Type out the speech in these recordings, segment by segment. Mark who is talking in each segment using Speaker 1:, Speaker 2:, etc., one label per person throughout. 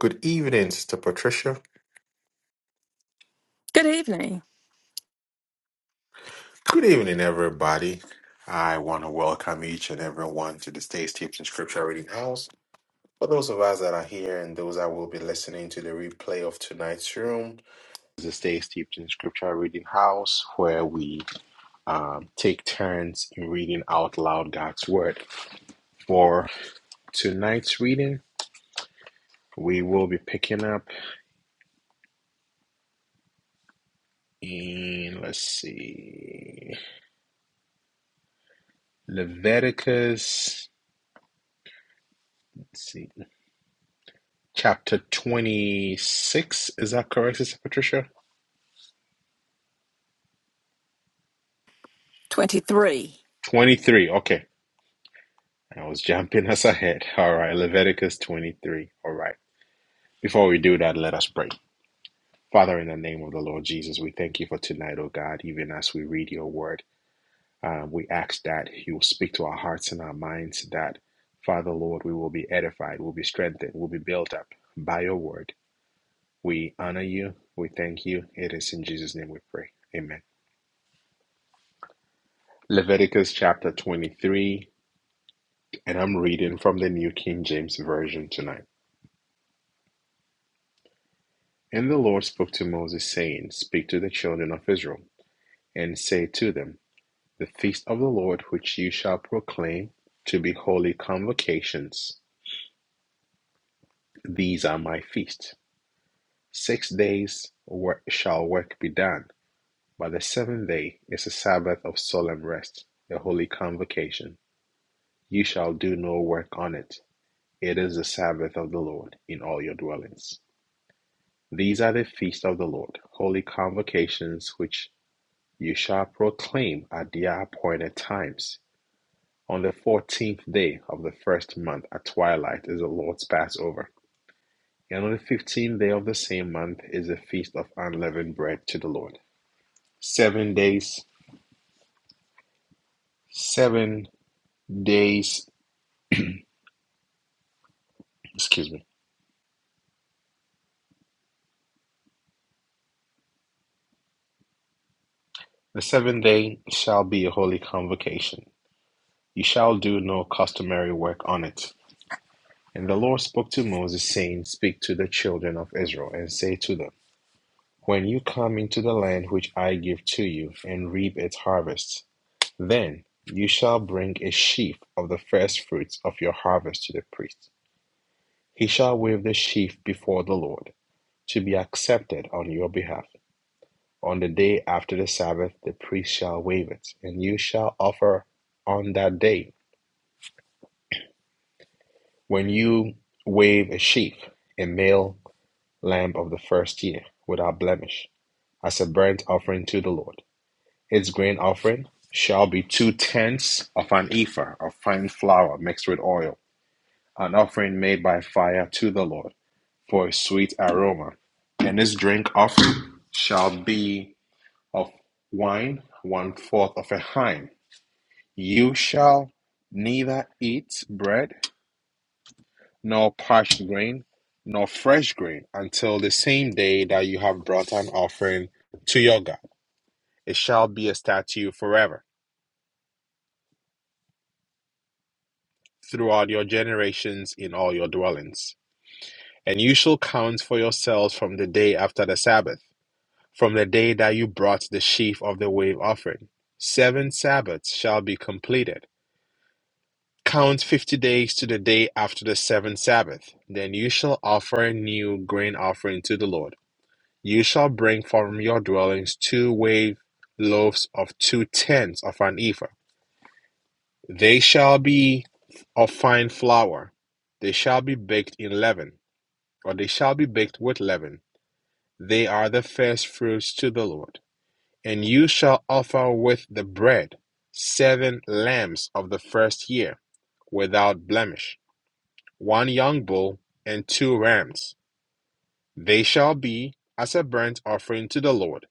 Speaker 1: Good evening, Sister Patricia.
Speaker 2: Good evening.
Speaker 1: Good evening, everybody. I want to welcome each and everyone to the Stay Steeped in Scripture Reading House. For those of us that are here and those that will be listening to the replay of tonight's room, the Stay Steeped in Scripture Reading House, where we um, take turns in reading out loud God's Word. For tonight's reading, we will be picking up in, let's see, Leviticus. Let's see. chapter 26. Is that correct, Sister Patricia?
Speaker 2: 23.
Speaker 1: 23. Okay. I was jumping us ahead. All right. Leviticus 23. All right. Before we do that, let us pray. Father, in the name of the Lord Jesus, we thank you for tonight, oh God, even as we read your word. Um, we ask that you will speak to our hearts and our minds, that, Father, Lord, we will be edified, we'll be strengthened, we'll be built up by your word. We honor you. We thank you. It is in Jesus' name we pray. Amen. Leviticus chapter 23. And I'm reading from the New King James Version tonight. And the Lord spoke to Moses, saying, Speak to the children of Israel, and say to them, The feast of the Lord which you shall proclaim to be holy convocations, these are my feasts. Six days work, shall work be done, but the seventh day is a Sabbath of solemn rest, a holy convocation. You shall do no work on it. It is the Sabbath of the Lord in all your dwellings. These are the feasts of the Lord, holy convocations, which you shall proclaim at their appointed times. On the fourteenth day of the first month at twilight is the Lord's Passover. And on the fifteenth day of the same month is the feast of unleavened bread to the Lord. Seven days, seven days, excuse me. The seventh day shall be a holy convocation. You shall do no customary work on it. And the Lord spoke to Moses, saying, Speak to the children of Israel, and say to them, When you come into the land which I give to you, and reap its harvest, then you shall bring a sheaf of the first fruits of your harvest to the priest. He shall wave the sheaf before the Lord, to be accepted on your behalf. On the day after the Sabbath, the priest shall wave it, and you shall offer on that day, when you wave a sheaf, a male lamb of the first year, without blemish. as a burnt offering to the Lord. Its grain offering shall be two tenths of an ephah of fine flour mixed with oil, an offering made by fire to the Lord for a sweet aroma. And its drink offering shall be of wine, one fourth of a hin. You shall neither eat bread nor parched grain nor fresh grain until the same day that you have brought an offering to your God. It shall be a statute forever. throughout your generations in all your dwellings. And you shall count for yourselves from the day after the Sabbath, from the day that you brought the sheaf of the wave offering. Seven Sabbaths shall be completed. Count fifty days to the day after the seventh Sabbath. Then you shall offer a new grain offering to the Lord. You shall bring from your dwellings two wave loaves of two tenths of an ephah. They shall be of fine flour. They shall be baked in leaven or they shall be baked with leaven. They are the first fruits to the Lord. And you shall offer with the bread seven lambs of the first year, without blemish, one young bull and two rams. They shall be as a burnt offering to the Lord,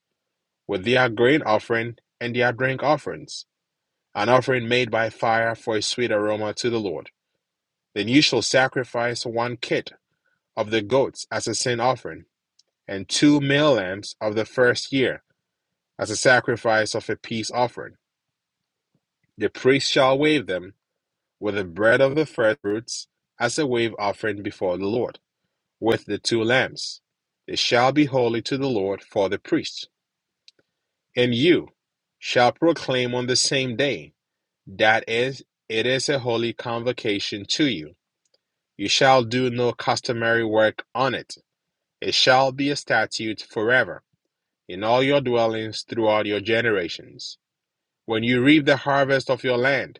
Speaker 1: with their grain offering and their drink offerings, an offering made by fire for a sweet aroma to the Lord. Then you shall sacrifice one kid of the goats as a sin offering and two male lambs of the first year, as a sacrifice of a peace offering. The priest shall wave them with the bread of the first fruits as a wave offering before the Lord, with the two lambs. They shall be holy to the Lord for the priest. And you shall proclaim on the same day that is it is a holy convocation to you. You shall do no customary work on it. It shall be a statute forever in all your dwellings throughout your generations. When you reap the harvest of your land,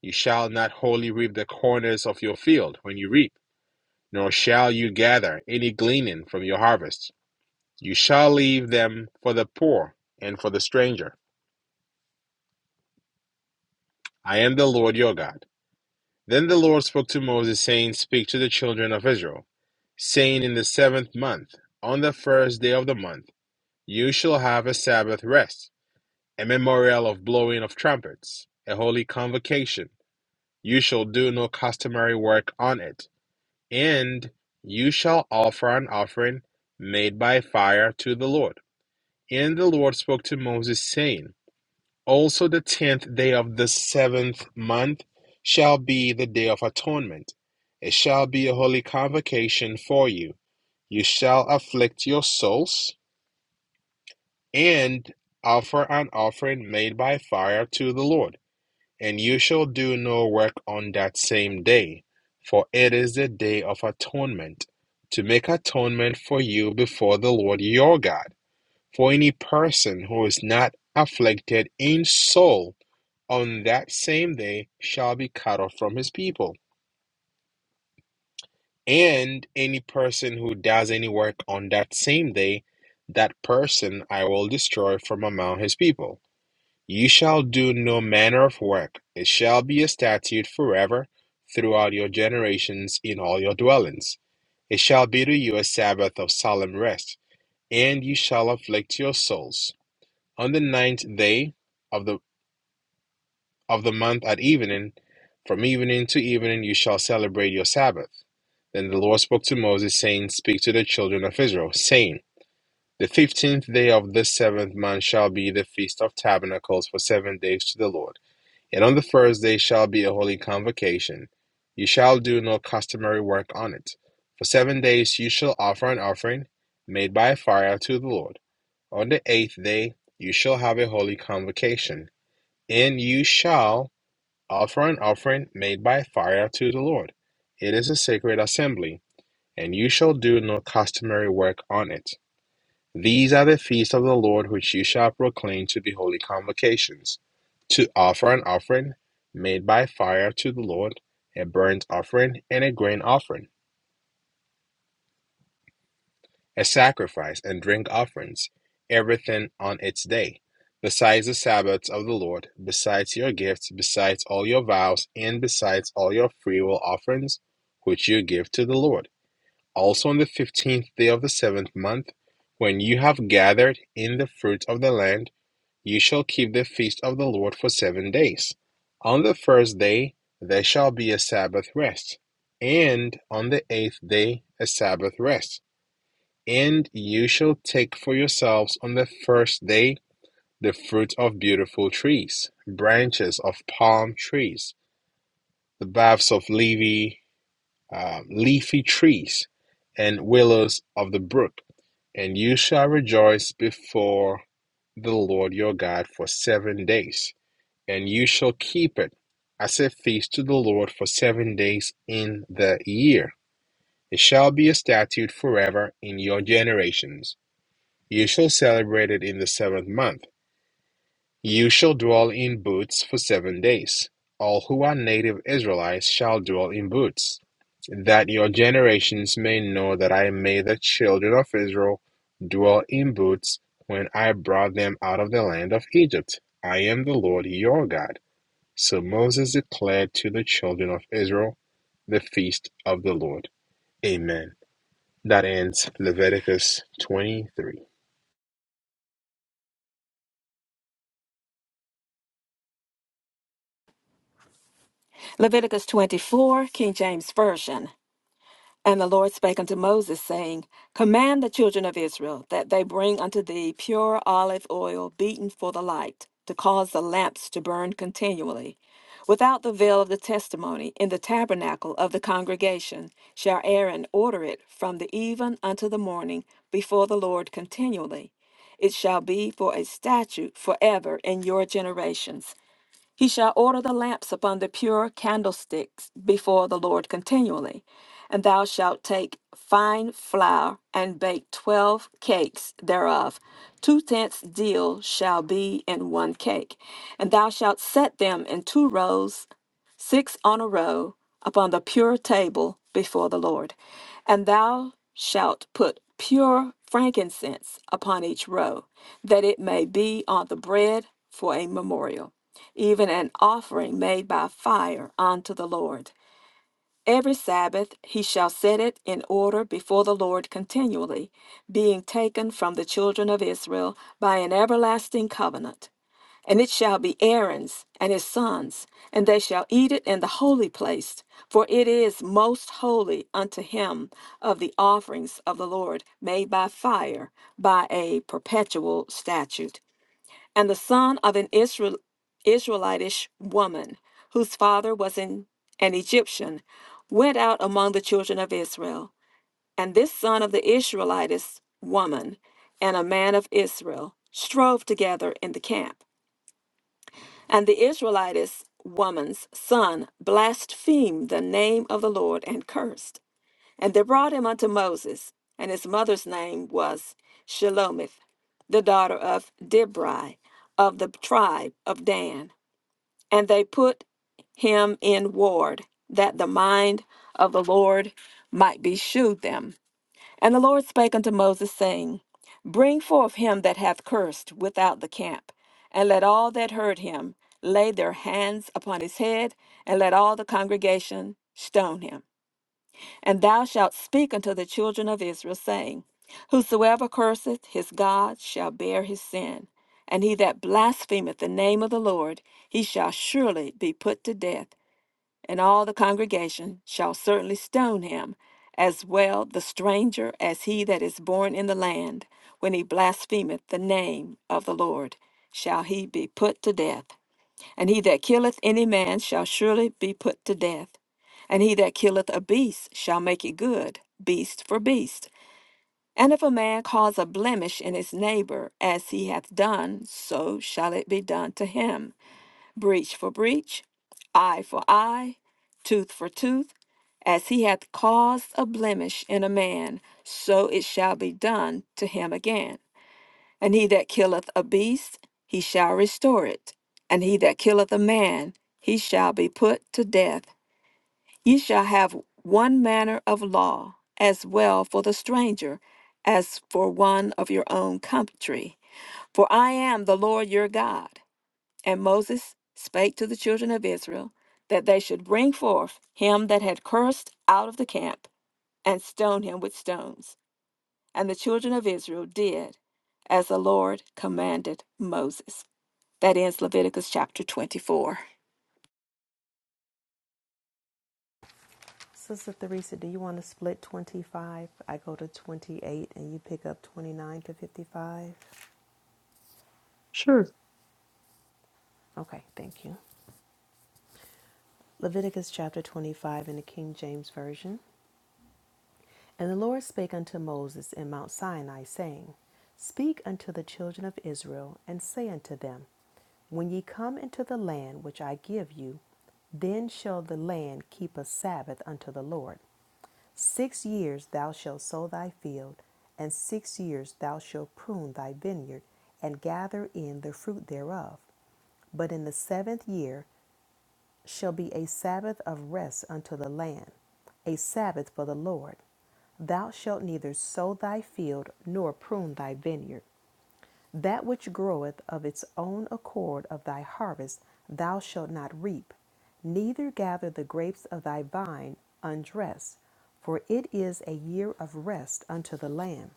Speaker 1: you shall not wholly reap the corners of your field when you reap, nor shall you gather any gleaning from your harvest. You shall leave them for the poor and for the stranger. I am the Lord your God. Then the Lord spoke to Moses, saying, Speak to the children of Israel, saying, In the seventh month, on the first day of the month, you shall have a Sabbath rest, a memorial of blowing of trumpets, a holy convocation. You shall do no customary work on it And you shall offer an offering made by fire to the Lord. And the Lord spoke to Moses, saying, Also the tenth day of the seventh month shall be the day of atonement. It shall be a holy convocation for you. You shall afflict your souls and offer an offering made by fire to the Lord. And you shall do no work on that same day, for it is the day of atonement, to make atonement for you before the Lord your God. For any person who is not afflicted in soul on that same day shall be cut off from his people. And any person who does any work on that same day, that person I will destroy from among his people. Ye shall do no manner of work: it shall be a statute forever throughout your generations in all your dwellings. It shall be to you a sabbath of solemn rest, and ye shall afflict your souls. On the ninth day of the of the month at evening, from evening to evening you shall celebrate your Sabbath. Then the Lord spoke to Moses, saying, Speak to the children of Israel, saying, The fifteenth day of this seventh month shall be the feast of tabernacles for seven days to the Lord. And on the first day shall be a holy convocation. You shall do no customary work on it. For seven days you shall offer an offering made by fire to the Lord. On the eighth day you shall have a holy convocation, and you shall offer an offering made by fire to the Lord. It is a sacred assembly, and you shall do no customary work on it. These are the feasts of the Lord which you shall proclaim to the holy convocations, to offer an offering made by fire to the Lord, a burnt offering and a grain offering, a sacrifice and drink offerings, everything on its day, besides the Sabbaths of the Lord, besides your gifts, besides all your vows, and besides all your freewill offerings which you give to the Lord. Also on the fifteenth day of the seventh month, when you have gathered in the fruit of the land, Ye shall keep the feast of the Lord for seven days. On the first day there shall be a Sabbath rest, and on the eighth day a Sabbath rest. And you shall take for yourselves on the first day the fruit of beautiful trees, branches of palm trees, the boughs of leafy, uh, leafy trees, and willows of the brook. And you shall rejoice before the Lord your God for seven days. And you shall keep it as a feast to the Lord for seven days in the year. It shall be a statute forever in your generations. You shall celebrate it in the seventh month. You shall dwell in booths for seven days. All who are native Israelites shall dwell in booths, that your generations may know that I made the children of Israel dwell in booths when I brought them out of the land of Egypt. I am the Lord your God. So Moses declared to the children of Israel the feast of the Lord. Amen. That ends Leviticus 23.
Speaker 2: Leviticus 24, King James Version. And the Lord spake unto Moses, saying, Command the children of Israel that they bring unto thee pure olive oil beaten for the light, to cause the lamps to burn continually. Without the veil of the testimony, in the tabernacle of the congregation, shall Aaron order it from the even unto the morning before the Lord continually. It shall be for a statute forever in your generations. He shall order the lamps upon the pure candlesticks before the Lord continually. And thou shalt take fine flour and bake twelve cakes thereof. Two tenths deal shall be in one cake. And thou shalt set them in two rows six on a row, upon the pure table before the Lord. And thou shalt put pure frankincense upon each row, that it may be on the bread for a memorial, even an offering made by fire unto the Lord. Every Sabbath he shall set it in order before the Lord continually, being taken from the children of Israel by an everlasting covenant. And it shall be Aaron's and his sons, and they shall eat it in the holy place, for it is most holy unto him of the offerings of the Lord made by fire, by a perpetual statute. And the son of an Israel, Israelitish woman, whose father was an, an Egyptian, went out among the children of Israel. And this son of the Israelitish woman and a man of Israel strove together in the camp. And the Israelitess woman's son blasphemed the name of the Lord and cursed. And they brought him unto Moses, and his mother's name was Shelomith, the daughter of Dibri, of the tribe of Dan. And they put him in ward, that the mind of the Lord might be shewed them. And the Lord spake unto Moses, saying, Bring forth him that hath cursed without the camp, and let all that heard him lay their hands upon his head, and let all the congregation stone him. And thou shalt speak unto the children of Israel, saying, Whosoever curseth his God shall bear his sin, and he that blasphemeth the name of the Lord, he shall surely be put to death and all the congregation shall certainly stone him, as well the stranger as he that is born in the land, when he blasphemeth the name of the Lord, shall he be put to death. And he that killeth any man shall surely be put to death. And he that killeth a beast shall make it good, beast for beast. And if a man cause a blemish in his neighbor, as he hath done, so shall it be done to him breach for breach, eye for eye, tooth for tooth. As he hath caused a blemish in a man, so it shall be done to him again. And he that killeth a beast, he shall restore it. And he that killeth a man, he shall be put to death. Ye shall have one manner of law, as well for the stranger as for one of your own country. For I am the Lord your God and Moses spake to the children of Israel that they should bring forth him that had cursed out of the camp and stone him with stones. And the children of Israel did as the Lord commanded Moses. That ends Leviticus chapter 24.
Speaker 3: Sister Theresa, do you want to split 25? I go to 28 and you pick up 29 to 55.
Speaker 4: Sure.
Speaker 3: Okay, thank you. Leviticus chapter 25 in the King James Version. And the Lord spake unto Moses in Mount Sinai, saying, Speak unto the children of Israel, and say unto them, When ye come into the land which I give you, then shall the land keep a Sabbath unto the Lord. Six years thou shalt sow thy field, and six years thou shalt prune thy vineyard, and gather in the fruit thereof. But in the seventh year shall be a Sabbath of rest unto the land, a Sabbath for the Lord. Thou shalt neither sow thy field nor prune thy vineyard. That which groweth of its own accord of thy harvest thou shalt not reap, neither gather the grapes of thy vine undressed, for it is a year of rest unto the land.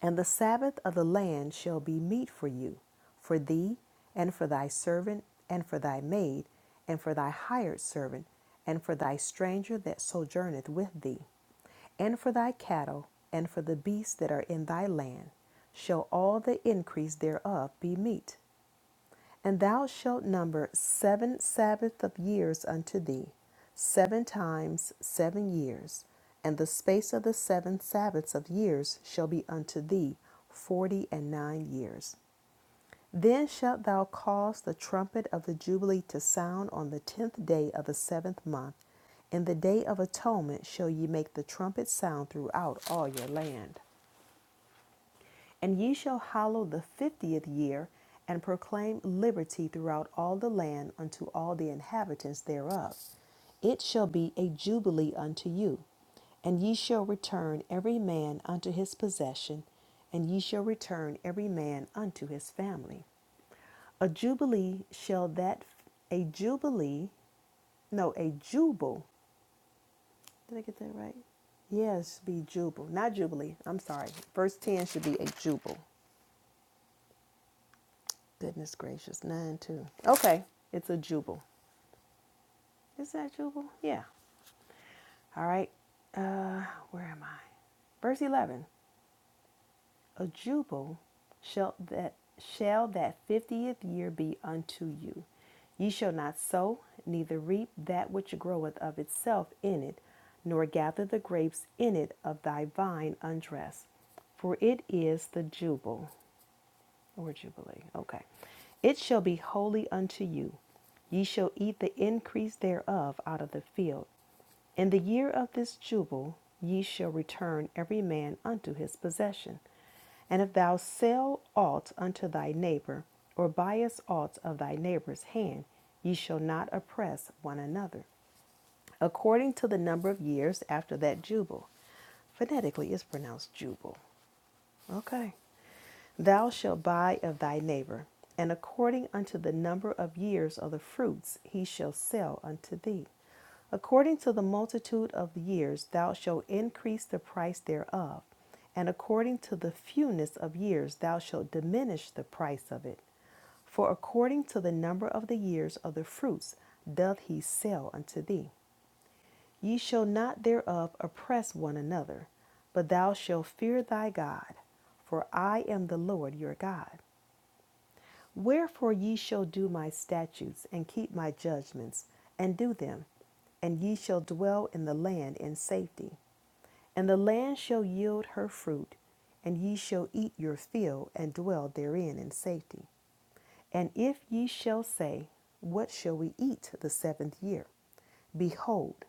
Speaker 3: And the Sabbath of the land shall be meat for you, for thee, and for thy servant, and for thy maid, and for thy hired servant, and for thy stranger that sojourneth with thee, and for thy cattle, and for the beasts that are in thy land, shall all the increase thereof be meat. And thou shalt number seven Sabbath of years unto thee, seven times seven years, and the space of the seven Sabbaths of years shall be unto thee forty and nine years. Then shalt thou cause the trumpet of the Jubilee to sound on the tenth day of the seventh month. In the day of atonement shall ye make the trumpet sound throughout all your land. And ye shall hallow the fiftieth year, and proclaim liberty throughout all the land unto all the inhabitants thereof. It shall be a jubilee unto you, and ye shall return every man unto his possession, and ye shall return every man unto his family. A jubilee shall that a jubilee no, a jubile. Did I get that right? Yes, be jubile, not jubilee. I'm sorry. Verse 10 should be a jubile. Goodness gracious, nine too. Okay, it's a jubal. Is that jubal? Yeah. All right. Uh, where am I? Verse eleven. A jubal shall that shall that fiftieth year be unto you. Ye shall not sow, neither reap that which groweth of itself in it, nor gather the grapes in it of thy vine undressed, for it is the jubal. or Jubilee. Okay. It shall be holy unto you. Ye shall eat the increase thereof out of the field. In the year of this Jubile ye shall return every man unto his possession. And if thou sell aught unto thy neighbor, or buyest aught of thy neighbor's hand, ye shall not oppress one another. According to the number of years after that Jubile. Phonetically, it's pronounced jubile. Okay. Thou shalt buy of thy neighbor, and according unto the number of years of the fruits he shall sell unto thee. According to the multitude of the years thou shalt increase the price thereof, and according to the fewness of years thou shalt diminish the price of it. For according to the number of the years of the fruits doth he sell unto thee. Ye shall not thereof oppress one another, but thou shalt fear thy God, for I am the Lord your God. Wherefore ye shall do my statutes and keep my judgments and do them, and ye shall dwell in the land in safety. And the land shall yield her fruit, and ye shall eat your fill and dwell therein in safety. And if ye shall say, What shall we eat the seventh year? Behold,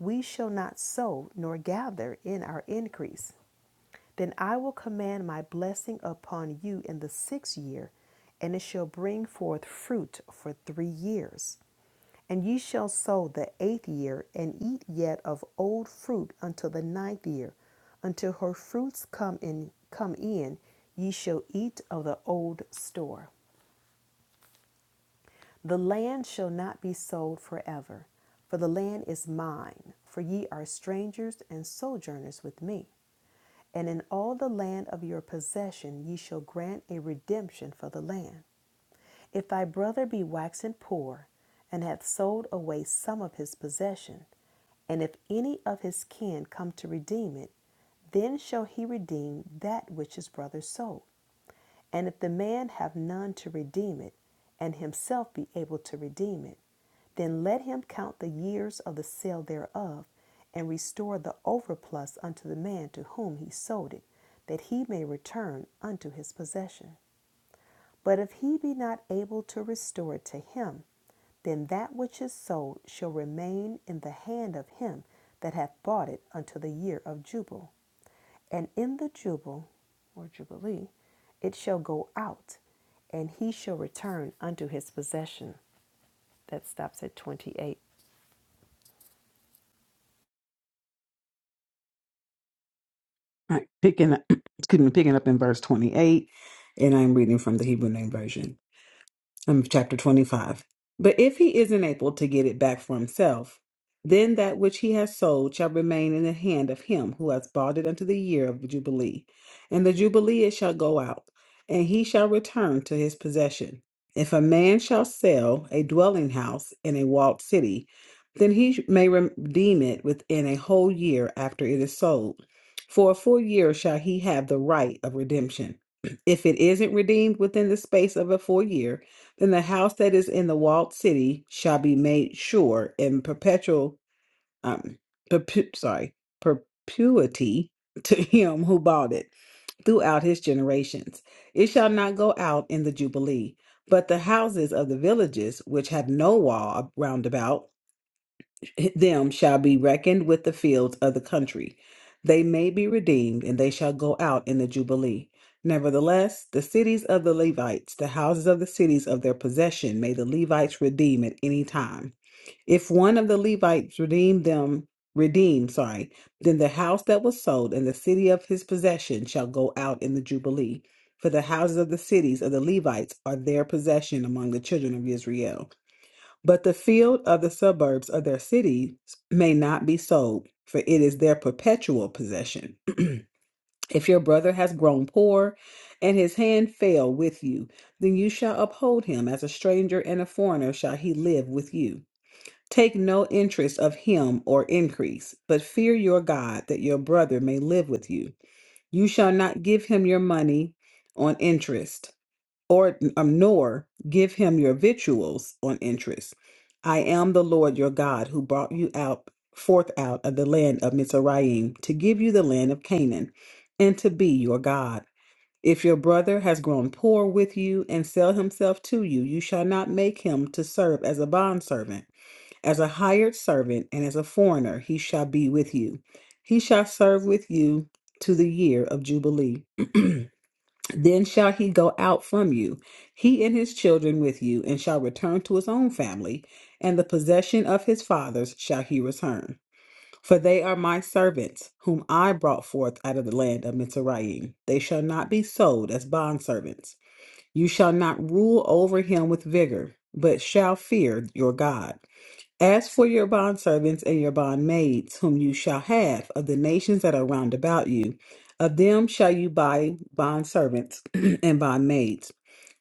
Speaker 3: we shall not sow nor gather in our increase. Then I will command my blessing upon you in the sixth year, and it shall bring forth fruit for three years. And ye shall sow the eighth year, and eat yet of old fruit until the ninth year. Until her fruits come in, come in, ye shall eat of the old store. The land shall not be sold forever, for the land is mine, for ye are strangers and sojourners with me. And in all the land of your possession ye shall grant a redemption for the land. If thy brother be waxen poor, and hath sold away some of his possession, and if any of his kin come to redeem it, then shall he redeem that which his brother sold. And if the man have none to redeem it, and himself be able to redeem it, then let him count the years of the sale thereof, and restore the overplus unto the man to whom he sold it, that he may return unto his possession. But if he be not able to restore it to him, then that which is sold shall remain in the hand of him that hath bought it until the year of jubile. And in the jubile or jubilee, it shall go out, and he shall return unto his possession. That stops at 28.
Speaker 4: All right. Picking up, excuse me, picking up in verse 28, and I'm reading from the Hebrew Name Version. I'm chapter 25. But if he is it back from, then that which he has sold shall remain in the hand of him who has into the year of Jubilee. And the Jubilee it shall go out, and he shall return to his possession. If a man shall sell a dwelling house in a walled city, then he may redeem it within a whole year after it is sold. For a full year shall he have the right of redemption. If it isn't redeemed within the space of a full year, then the house that is in the walled city shall be made sure in perpetual um, perpu- sorry, perpetuity to him who bought it throughout his generations. It shall not go out in the Jubilee, but the houses of the villages which have no wall round about them shall be reckoned with the fields of the country. They may be redeemed, and they shall go out in the Jubilee. Nevertheless, the cities of the Levites, the houses of the cities of their possession, may the Levites redeem at any time. If one of the Levites redeemed them, redeemed, sorry, then the house that was sold and the city of his possession shall go out in the Jubilee. For the houses of the cities of the Levites are their possession among the children of Israel. But the field of the suburbs of their cities may not be sold, for it is their perpetual possession. If your brother has grown poor and his hand fail with you, then you shall uphold him. As a stranger and a foreigner shall he live with you. Take no interest of him or increase, but fear your God that your brother may live with you. You shall not give him your money on interest, or um, nor give him your victuals on interest. I am the Lord your God who brought you out forth out of the land of Mizraim to give you the land of Canaan, and to be your God. If your brother has grown poor with you and sell himself to you, you shall not make him to serve as a bondservant as a hired servant and as a foreigner, he shall be with you. He shall serve with you to the year of Jubilee. Then shall he go out from you, he and his children with you, and shall return to his own family, and the possession of his fathers shall he return. For they are my servants, whom I brought forth out of the land of Mizraim. They shall not be sold as bondservants. You shall not rule over him with vigor, but shall fear your God. As for your bondservants and your bondmaids, whom you shall have of the nations that are round about you, of them shall you buy bondservants and bondmaids.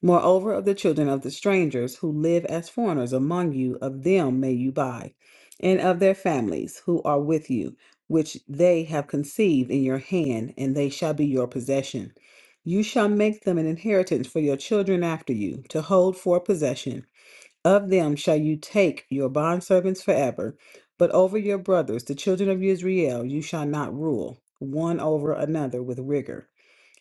Speaker 4: Moreover, of the children of the strangers who live as foreigners among you, of them may you buy, and of their families who are with you, which they have conceived in your hand, and they shall be your possession. You shall make them an inheritance for your children after you, to hold for possession of them shall you take your bondservants forever, but over your brothers, the children of Israel, you shall not rule one over another with rigor.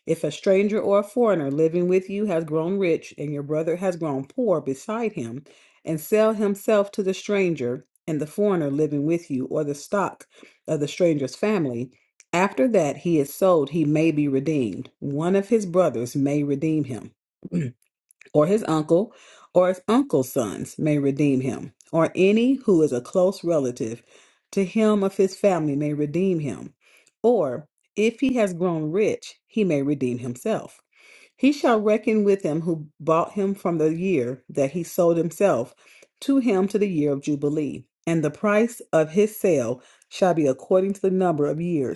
Speaker 4: If a stranger or a foreigner living with you has grown rich, and your brother has grown poor beside him, and sell himself to the stranger and the foreigner living with you, or the stock of the stranger's family, after that he is sold, he may be redeemed. One of his brothers may redeem him or his uncle, or his uncle's sons may redeem him, or any who is a close relative to him of his family may redeem him, or if he has grown rich, he may redeem himself. He shall reckon with him who bought him from the year that he sold himself to him to the year of Jubilee, and the price of his sale shall be according to the number of years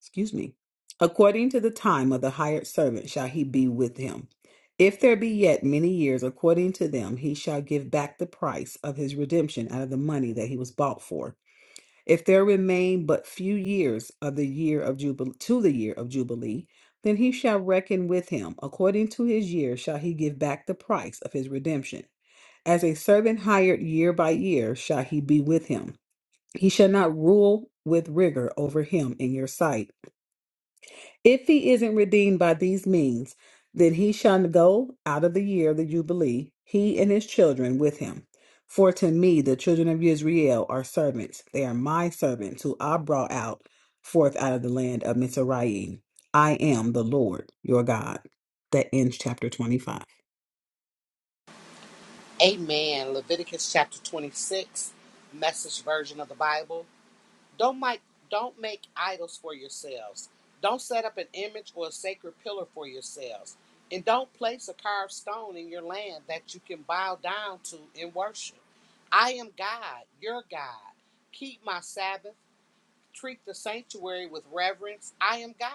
Speaker 4: excuse me, according to the time of the hired servant shall he be with him. If there be yet many years according to them, he shall give back the price of his redemption out of the money that he was bought for. If there remain but few years of the year of jubilee to the year of jubilee, then he shall reckon with him according to his year shall he give back the price of his redemption. As a servant hired year by year shall he be with him. He shall not rule with rigor over him in your sight if he isn't redeemed by these means, then he shall go out of the year of the Jubilee, he and his children with him. For to me the children of Israel are servants. They are my servants, who I brought out forth out of the land of Mizraim. I am the Lord your God. That ends chapter 25.
Speaker 5: Amen. Leviticus chapter 26, message version of the Bible. Don't make, don't make idols for yourselves. Don't set up an image or a sacred pillar for yourselves. And don't place a carved stone in your land that you can bow down to in worship. I am God, your God. Keep my Sabbath treat the sanctuary with reverence. I am God.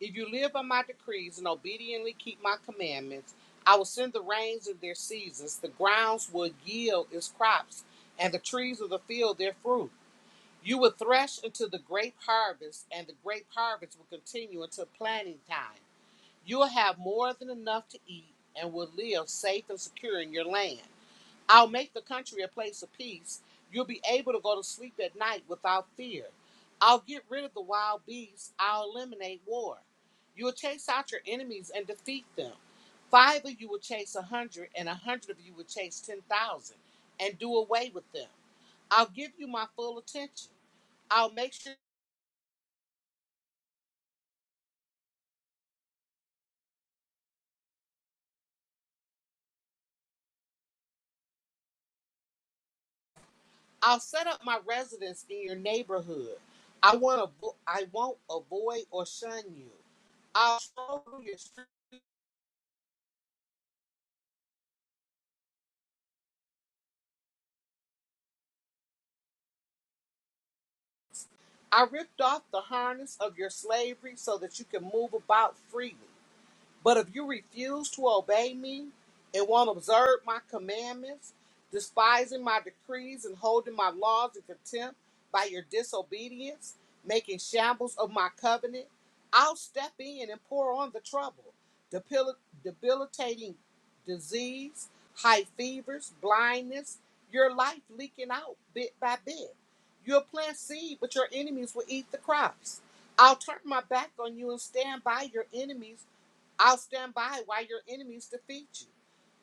Speaker 5: If you live by my decrees and obediently keep my commandments, I will send the rains in their seasons, the grounds will yield its crops, and the trees of the field their fruit. You will thresh until the grape harvest, and the grape harvest will continue until planting time. You will have more than enough to eat and will live safe and secure in your land. I'll make the country a place of peace. You'll be able to go to sleep at night without fear. I'll get rid of the wild beasts. I'll eliminate war. You'll chase out your enemies and defeat them. Five of you will chase a hundred, and a hundred of you will chase ten thousand, and do away with them. I'll give you my full attention. I'll make sure I'll set up my residence in your neighborhood. I want to. I won't avoid or shun you. I'll show you your strength. I ripped off the harness of your slavery so that you can move about freely. But if you refuse to obey me and won't observe my commandments, despising my decrees and holding my laws in contempt by your disobedience, making shambles of my covenant, I'll step in and pour on the trouble, debil- debilitating disease, high fevers, blindness, your life leaking out bit by bit. You'll plant seed, but your enemies will eat the crops. I'll turn my back on you and stand by your enemies I'll stand by while your enemies defeat you.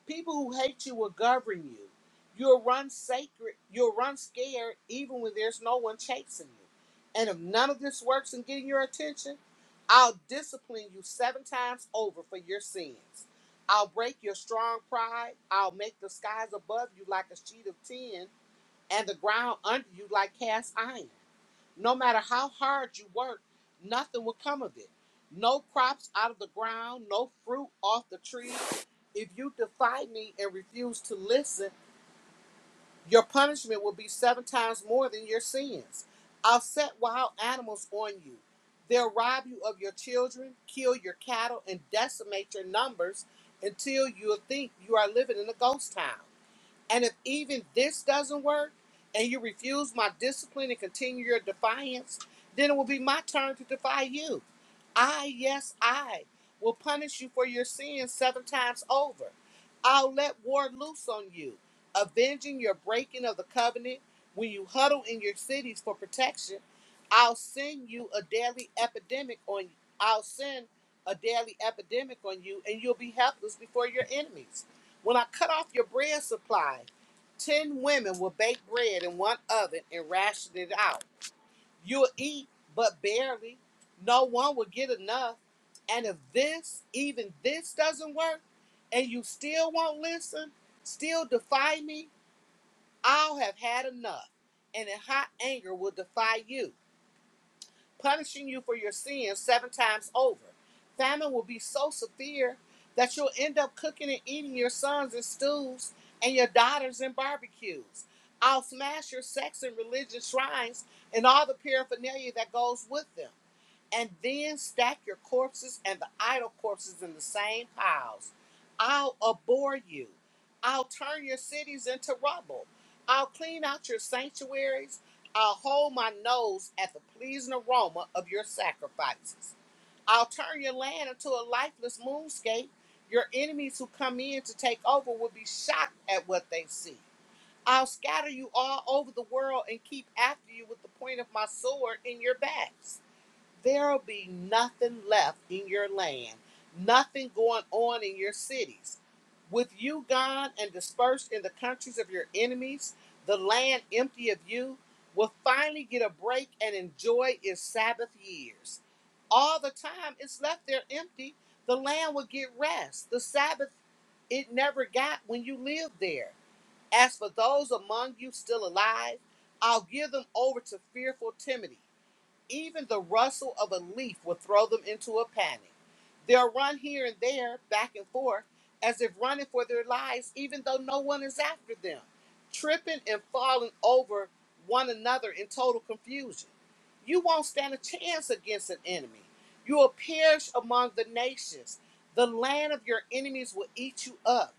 Speaker 5: People who hate you will govern you. You'll run sacred, you'll run scared even when there's no one chasing you. And if none of this works in getting your attention, I'll discipline you seven times over for your sins. I'll break your strong pride. I'll make the skies above you like a sheet of tin and the ground under you like cast iron. No matter how hard you work, nothing will come of it. No crops out of the ground, no fruit off the trees. If you defy me and refuse to listen, your punishment will be seven times more than your sins. I'll set wild animals on you. They'll rob you of your children, kill your cattle, and decimate your numbers until you think you are living in a ghost town. And if even this doesn't work and you refuse my discipline and continue your defiance, then it will be my turn to defy you. I, yes, I will punish you for your sins seven times over. I'll let war loose on you, avenging your breaking of the covenant. When you huddle in your cities for protection, I'll send you a daily epidemic on I'll send a daily epidemic on you and you'll be helpless before your enemies. When I cut off your bread supply, ten women will bake bread in one oven and ration it out. You'll eat, but barely. No one will get enough. And if this, even this, doesn't work, and you still won't listen, still defy me, I'll have had enough, and in hot anger will defy you punishing you for your sins seven times over. Famine will be so severe that you'll end up cooking and eating your sons in stews and your daughters in barbecues. I'll smash your sex and religion shrines and all the paraphernalia that goes with them and then stack your corpses and the idol corpses in the same piles. I'll abhor you. I'll turn your cities into rubble. I'll clean out your sanctuaries. I'll hold my nose at the pleasing aroma of your sacrifices. I'll turn your land into a lifeless moonscape. Your enemies who come in to take over will be shocked at what they see. I'll scatter you all over the world and keep after you with the point of my sword in your backs there'll be nothing left in your land, nothing going on in your cities. With you gone and dispersed in the countries of your enemies, the land empty of you will finally get a break and enjoy its Sabbath years. All the time it's left there empty, the land will get rest, the Sabbath it never got when you lived there. As for those among you still alive, I'll give them over to fearful timidity even the rustle of a leaf would throw them into a panic. They'll run here and there, back and forth, as if running for their lives, even though no one is after them, tripping and falling over one another in total confusion. You won't stand a chance against an enemy. You will perish among the nations. The land of your enemies will eat you up.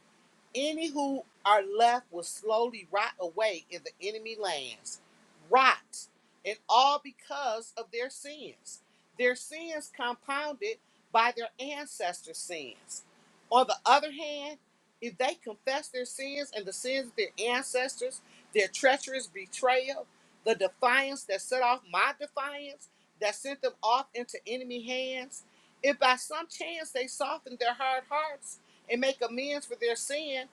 Speaker 5: Any who are left will slowly rot away in the enemy lands. Rot. And all because of their sins. Their sins compounded by their ancestors' sins. On the other hand, if they confess their sins and the sins of their ancestors, their treacherous betrayal, the defiance that set off my defiance, that sent them off into enemy hands, if by some chance they softened their hard hearts, and make amends for their sin,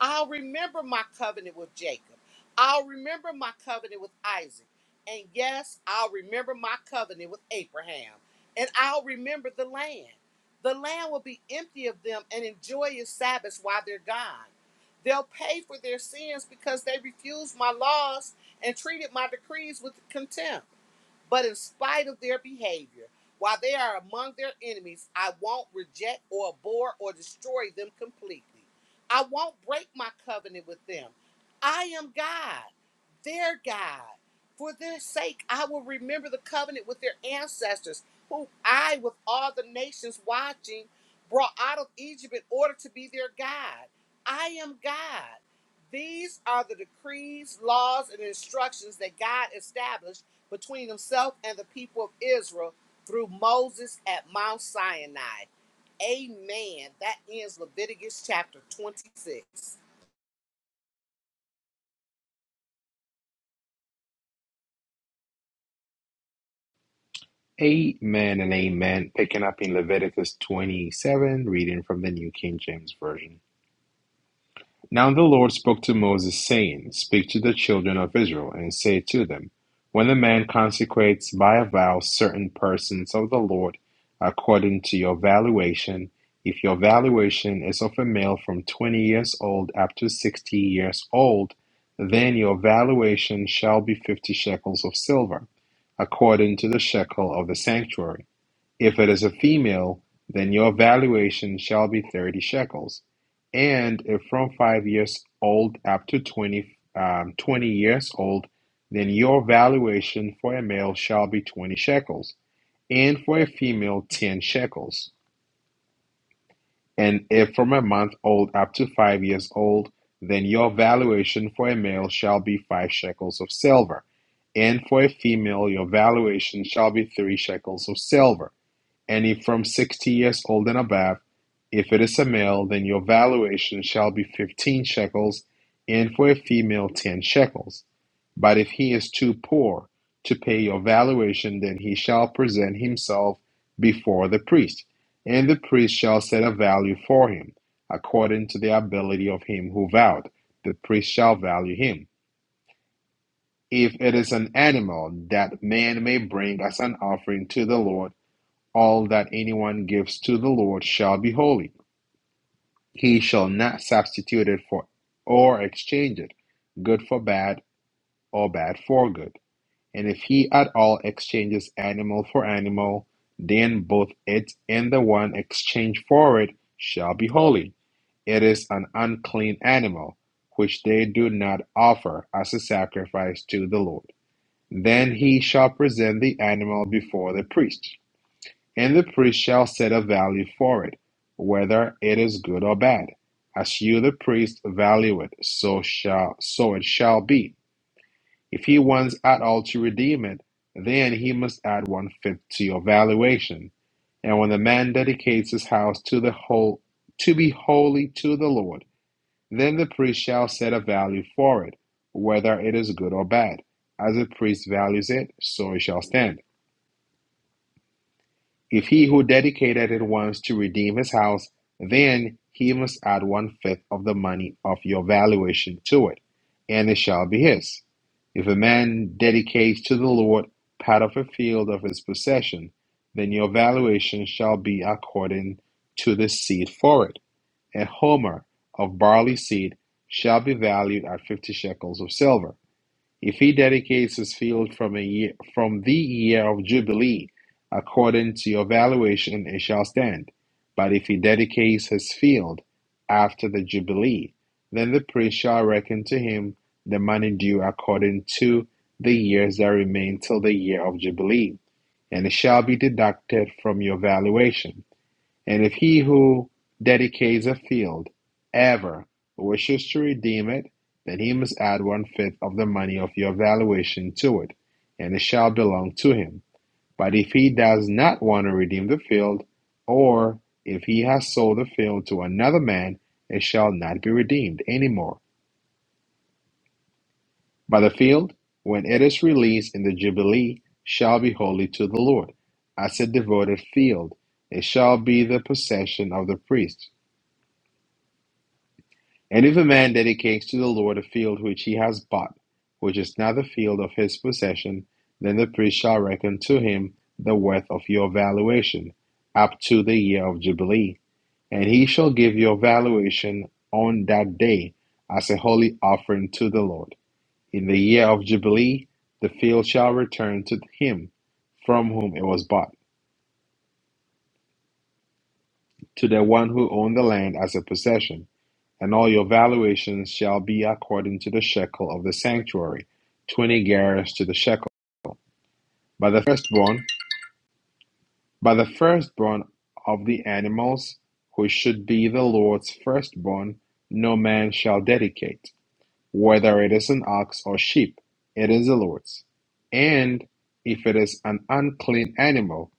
Speaker 5: I'll remember my covenant with Jacob. I'll remember my covenant with Isaac. And yes, I'll remember my covenant with Abraham. And I'll remember the land. The land will be empty of them and enjoy its Sabbaths while they're gone. They'll pay for their sins because they refused my laws and treated my decrees with contempt. But in spite of their behavior, while they are among their enemies, I won't reject or abhor or destroy them completely. I won't break my covenant with them. I am God, their God. For their sake, I will remember the covenant with their ancestors, who I, with all the nations watching, brought out of Egypt in order to be their God. I am God. These are the decrees, laws, and instructions that God established between himself and the people of Israel through Moses at Mount Sinai. Amen. That ends Leviticus chapter 26.
Speaker 1: Amen and amen. Picking up in Leviticus 27, reading from the New King James Version. Now the Lord spoke to Moses, saying, Speak to the children of Israel, and say to them, When a man consecrates by a vow certain persons of the Lord according to your valuation, if your valuation is of a male from twenty years old up to sixty years old, then your valuation shall be fifty shekels of silver, according to the shekel of the sanctuary. If it is a female, then your valuation shall be thirty shekels. And if from five years old up to 20, um, 20 years old, then your valuation for a male shall be 20 shekels, and for a female, 10 shekels. And if from a month old up to five years old, then your valuation for a male shall be five shekels of silver, and for a female, your valuation shall be three shekels of silver and if from sixty years old and above, if it is a male, then your valuation shall be fifteen shekels, and for a female ten shekels. But if he is too poor to pay your valuation, then he shall present himself before the priest, and the priest shall set a value for him, according to the ability of him who vowed. The priest shall value him. If it is an animal that man may bring as an offering to the Lord, all that anyone gives to the Lord shall be holy. He shall not substitute it for or exchange it, good for bad or bad for good. And if he at all exchanges animal for animal, then both it and the one exchanged for it shall be holy. It is an unclean animal, which they do not offer as a sacrifice to the Lord. Then he shall present the animal before the priest. And the priest shall set a value for it, whether it is good or bad. As you the priest value it, so shall so it shall be. If he wants at all to redeem it, then he must add one fifth to your valuation. And when the man dedicates his house to the whole to be holy to the Lord, then the priest shall set a value for it, whether it is good or bad. As the priest values it, so it shall stand. If he who dedicated it wants to redeem his house, then he must add one fifth of the money of your valuation to it, and it shall be his. If a man dedicates to the Lord part of a field of his possession, then your valuation shall be according to the seed for it. A homer of barley seed shall be valued at fifty shekels of silver if he dedicates his field from a year, from the year of jubilee, according to your valuation, it shall stand. But if he dedicates his field after the jubilee, then the priest shall reckon to him the money due according to the years that remain till the year of jubilee, and it shall be deducted from your valuation. And if he who dedicates a field ever wishes to redeem it, then he must add one fifth of the money of your valuation to it, and it shall belong to him. But if he does not want to redeem the field, or if he has sold the field to another man, it shall not be redeemed any more. But the field, when it is released in the Jubilee, shall be holy to the Lord. As a devoted field, it shall be the possession of the priest And if a man dedicates to the Lord a field which he has bought, which is not the field of his possession, then the priest shall reckon to him the worth of your valuation up to the year of Jubilee. And he shall give your valuation on that day as a holy offering to the Lord. In the year of Jubilee, the field shall return to him from whom it was bought, to the one who owned the land as a possession And all your valuations shall be according to the shekel of the sanctuary, twenty gerahs to the shekel. By the firstborn, by the firstborn of the animals, which should be the Lord's firstborn, no man shall dedicate, whether it is an ox or sheep, it is the Lord's. And if it is an unclean animal,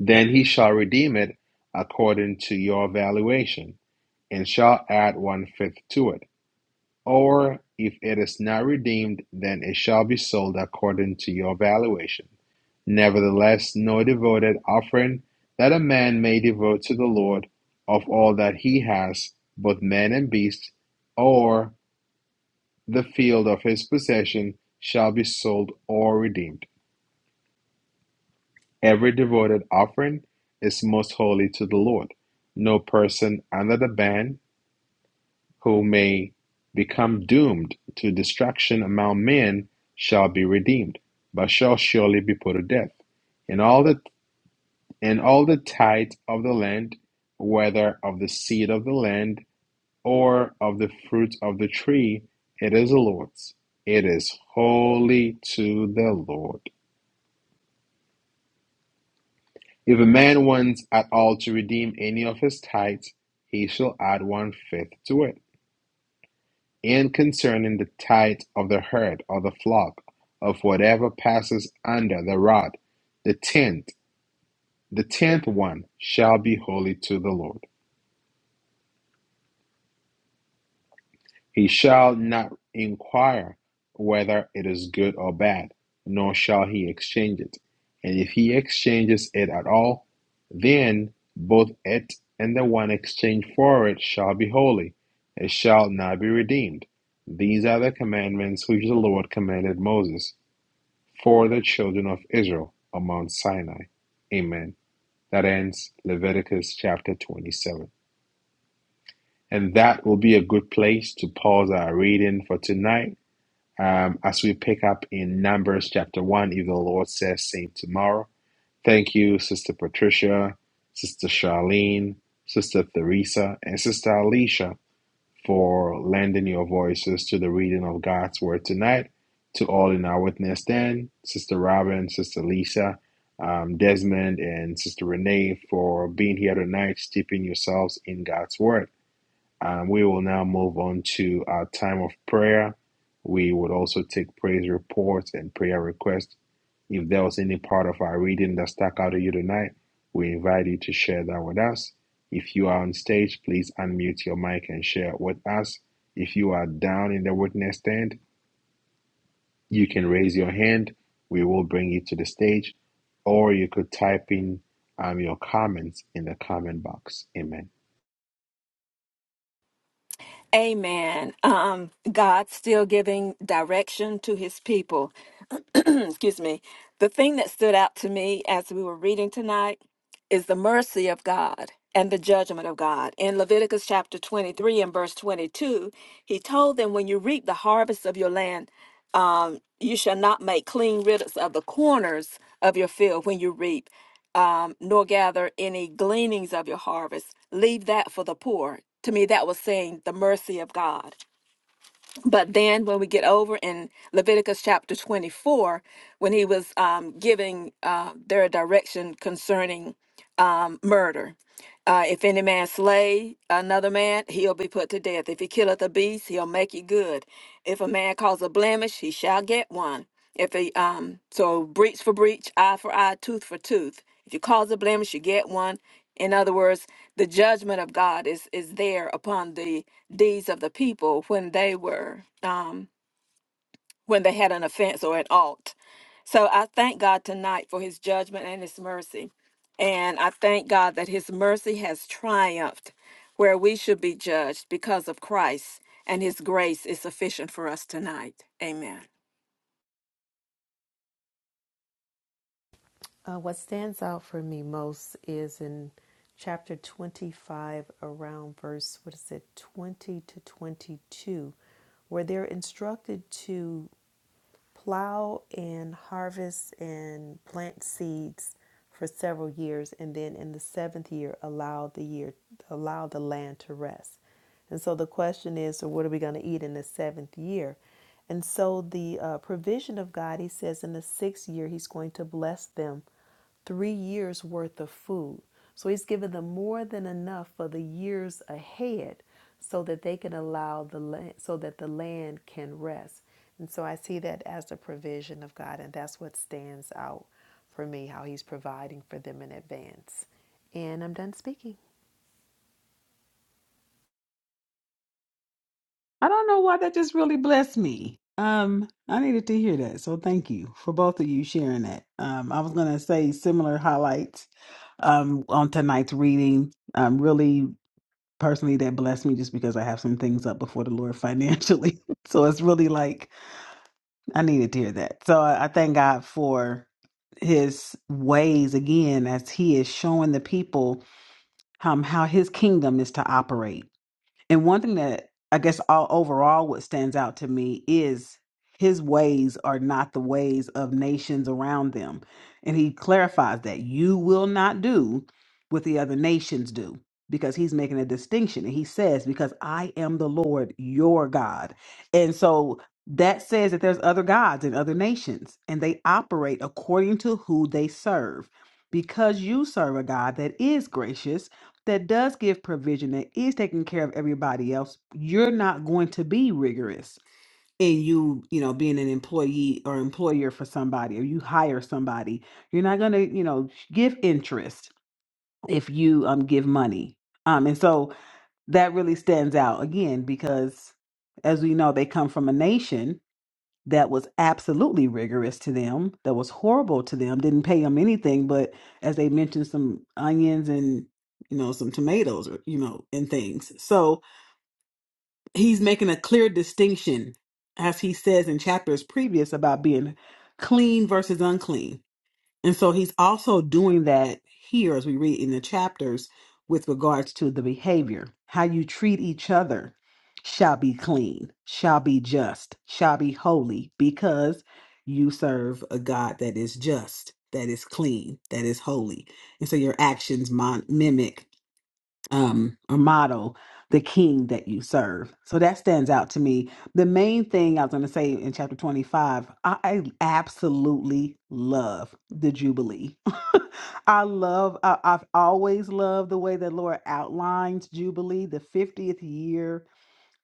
Speaker 1: then he shall redeem it according to your valuation, and shall add one fifth to it. Or if it is not redeemed, then it shall be sold according to your valuation. Nevertheless, no devoted offering that a man may devote to the Lord of all that he has, both man and beast, or the field of his possession, shall be sold or redeemed. Every devoted offering is most holy to the Lord. No person under the ban who may become doomed to destruction among men shall be redeemed, but shall surely be put to death. And all the and all the tithe of the land, whether of the seed of the land or of the fruit of the tree, it is the Lord's. It is holy to the Lord. If a man wants at all to redeem any of his tithes, he shall add one fifth to it. and concerning the tithe of the herd or the flock, of whatever passes under the rod, the tenth, the tenth one shall be holy to the Lord. He shall not inquire whether it is good or bad, nor shall he exchange it. And if he exchanges it at all, then both it and the one exchanged for it shall be holy. It shall not be redeemed. These are the commandments which the Lord commanded Moses for the children of Israel on Mount Sinai. Amen. That ends Leviticus chapter 27. And that will be a good place to pause our reading for tonight um, as we pick up in Numbers chapter 1, if the Lord says, same tomorrow. Thank you, Sister Patricia, Sister Charlene, Sister Theresa, and Sister Alicia for lending your voices to the reading of God's Word tonight. To all in our witness, then, Sister Robin, Sister Lisa, um, Desmond, and Sister Renee for being here tonight, steeping yourselves in God's Word. Um, we will now move on to our time of prayer. We would also take praise reports and prayer requests. If there was any part of our reading that stuck out to you tonight, we invite you to share that with us. If you are on stage, please unmute your mic and share it with us. If you are down in the witness stand, you can raise your hand. We will bring you to the stage, or you could type in um, your comments in the comment box. Amen.
Speaker 2: Amen. Um, God still giving direction to his people. Excuse me. The thing that stood out to me as we were reading tonight is the mercy of God and the judgment of God. In Leviticus chapter 23 and verse 22, he told them, When you reap the harvest of your land, um, you shall not make clean riddance of the corners of your field when you reap um, nor gather any gleanings of your harvest. Leave that for the poor. To me, that was saying the mercy of God. But then when we get over in Leviticus chapter 24, when he was um, giving uh, their direction concerning murder. Uh, if any man slay another man, he'll be put to death. If he killeth a beast, he'll make it good. If a man cause a blemish, he shall get one. If he um so breach for breach, eye for eye, tooth for tooth. If you cause a blemish, you get one. In other words, the judgment of God is is there upon the deeds of the people when they were um when they had an offense or an alt. So I thank God tonight for his judgment and his mercy. And I thank God that his mercy has triumphed where we should be judged because of Christ and his grace is sufficient for us tonight. Amen.
Speaker 3: Uh, what stands out for me most is in chapter 25, around verse, what is it, 20 to 22, where they're instructed to plow and harvest and plant seeds for several years and then in the seventh year allow the year allow the land to rest and so the question is so what are we going to eat in the seventh year and so the uh, provision of god he says in the sixth year he's going to bless them three years worth of food. So he's given them more than enough for the years ahead so that they can allow the land, so that the land can rest. And so I see that as the provision of God, and that's what stands out for me, how he's providing for them in advance. And I'm done speaking.
Speaker 4: I don't know why that just really blessed me. Um, I needed to hear that. So thank you for both of you sharing that. Um, I was gonna say similar highlights um on tonight's reading. Um, really personally that blessed me just because I have some things up before the Lord financially. so it's really like I needed to hear that. So I, I thank God for his ways again as he is showing the people um how his kingdom is to operate and one thing that I guess all overall what stands out to me is his ways are not the ways of nations around them. And he clarifies that you will not do what the other nations do because he's making a distinction. And he says, Because I am the Lord your God. And so that says that there's other gods in other nations and they operate according to who they serve. Because you serve a God that is gracious that does give provision that is taking care of everybody else you're not going to be rigorous in you you know being an employee or employer for somebody or you hire somebody you're not going to you know give interest if you um give money um and so that really stands out again because as we know they come from a nation that was absolutely rigorous to them, that was horrible to them, didn't pay them anything, but as they mentioned, some onions and you know some tomatoes or you know and things. So he's making a clear distinction, as he says in chapters previous about being clean versus unclean and so he's also doing that here as we read in the chapters with regards to the behavior. How you treat each other shall be clean, shall be just, shall be holy, because you serve a God that is just, that is clean, that is holy. And so your actions mon- mimic um, or model the king that you serve. So that stands out to me. The main thing I was going to say in chapter 25, I, I absolutely love the Jubilee. I love, I, I've always loved the way that Laura outlines Jubilee, the 50th year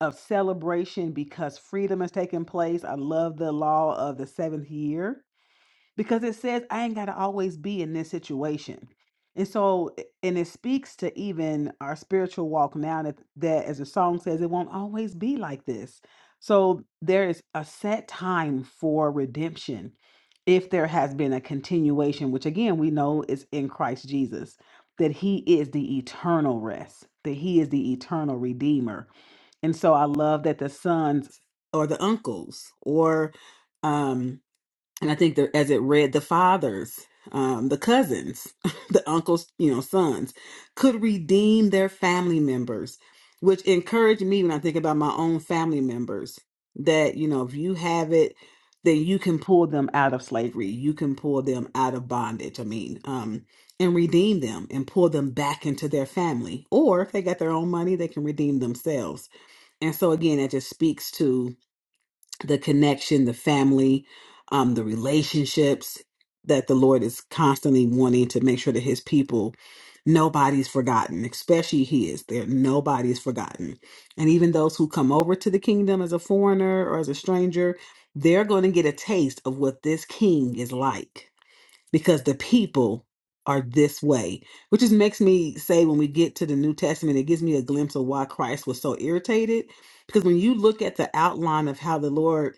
Speaker 4: of celebration because freedom has taken place. I love the law of the seventh year because it says I ain't got to always be in this situation. And so, i- and it speaks to even our spiritual walk now that, that, as the song says, it won't always be like this. So, there is a set time for redemption if there has been a continuation, which again, we know is in Christ Jesus, that he is the eternal rest, that he is the eternal redeemer. And so, I love that the sons or the uncles or um, and I think that as it read, the fathers, um, the cousins, the uncles, you know, sons, could redeem their family members, which encouraged me when I think about my own family members that, you know, if you have it, then you can pull them out of slavery. You can pull them out of bondage. I mean, um, and redeem them and pull them back into their family. Or if they got their own money, they can redeem themselves. And so again, it just speaks to the connection, the family, um, the relationships that the Lord is constantly wanting to make sure that His people, nobody's forgotten, especially His. There, nobody's forgotten, and even those who come over to the kingdom as a foreigner or as a stranger, they're going to get a taste of what this King is like because the people are this way which just makes me say when we get to the new testament it gives me a glimpse of why christ was so irritated because when you look at the outline of how the lord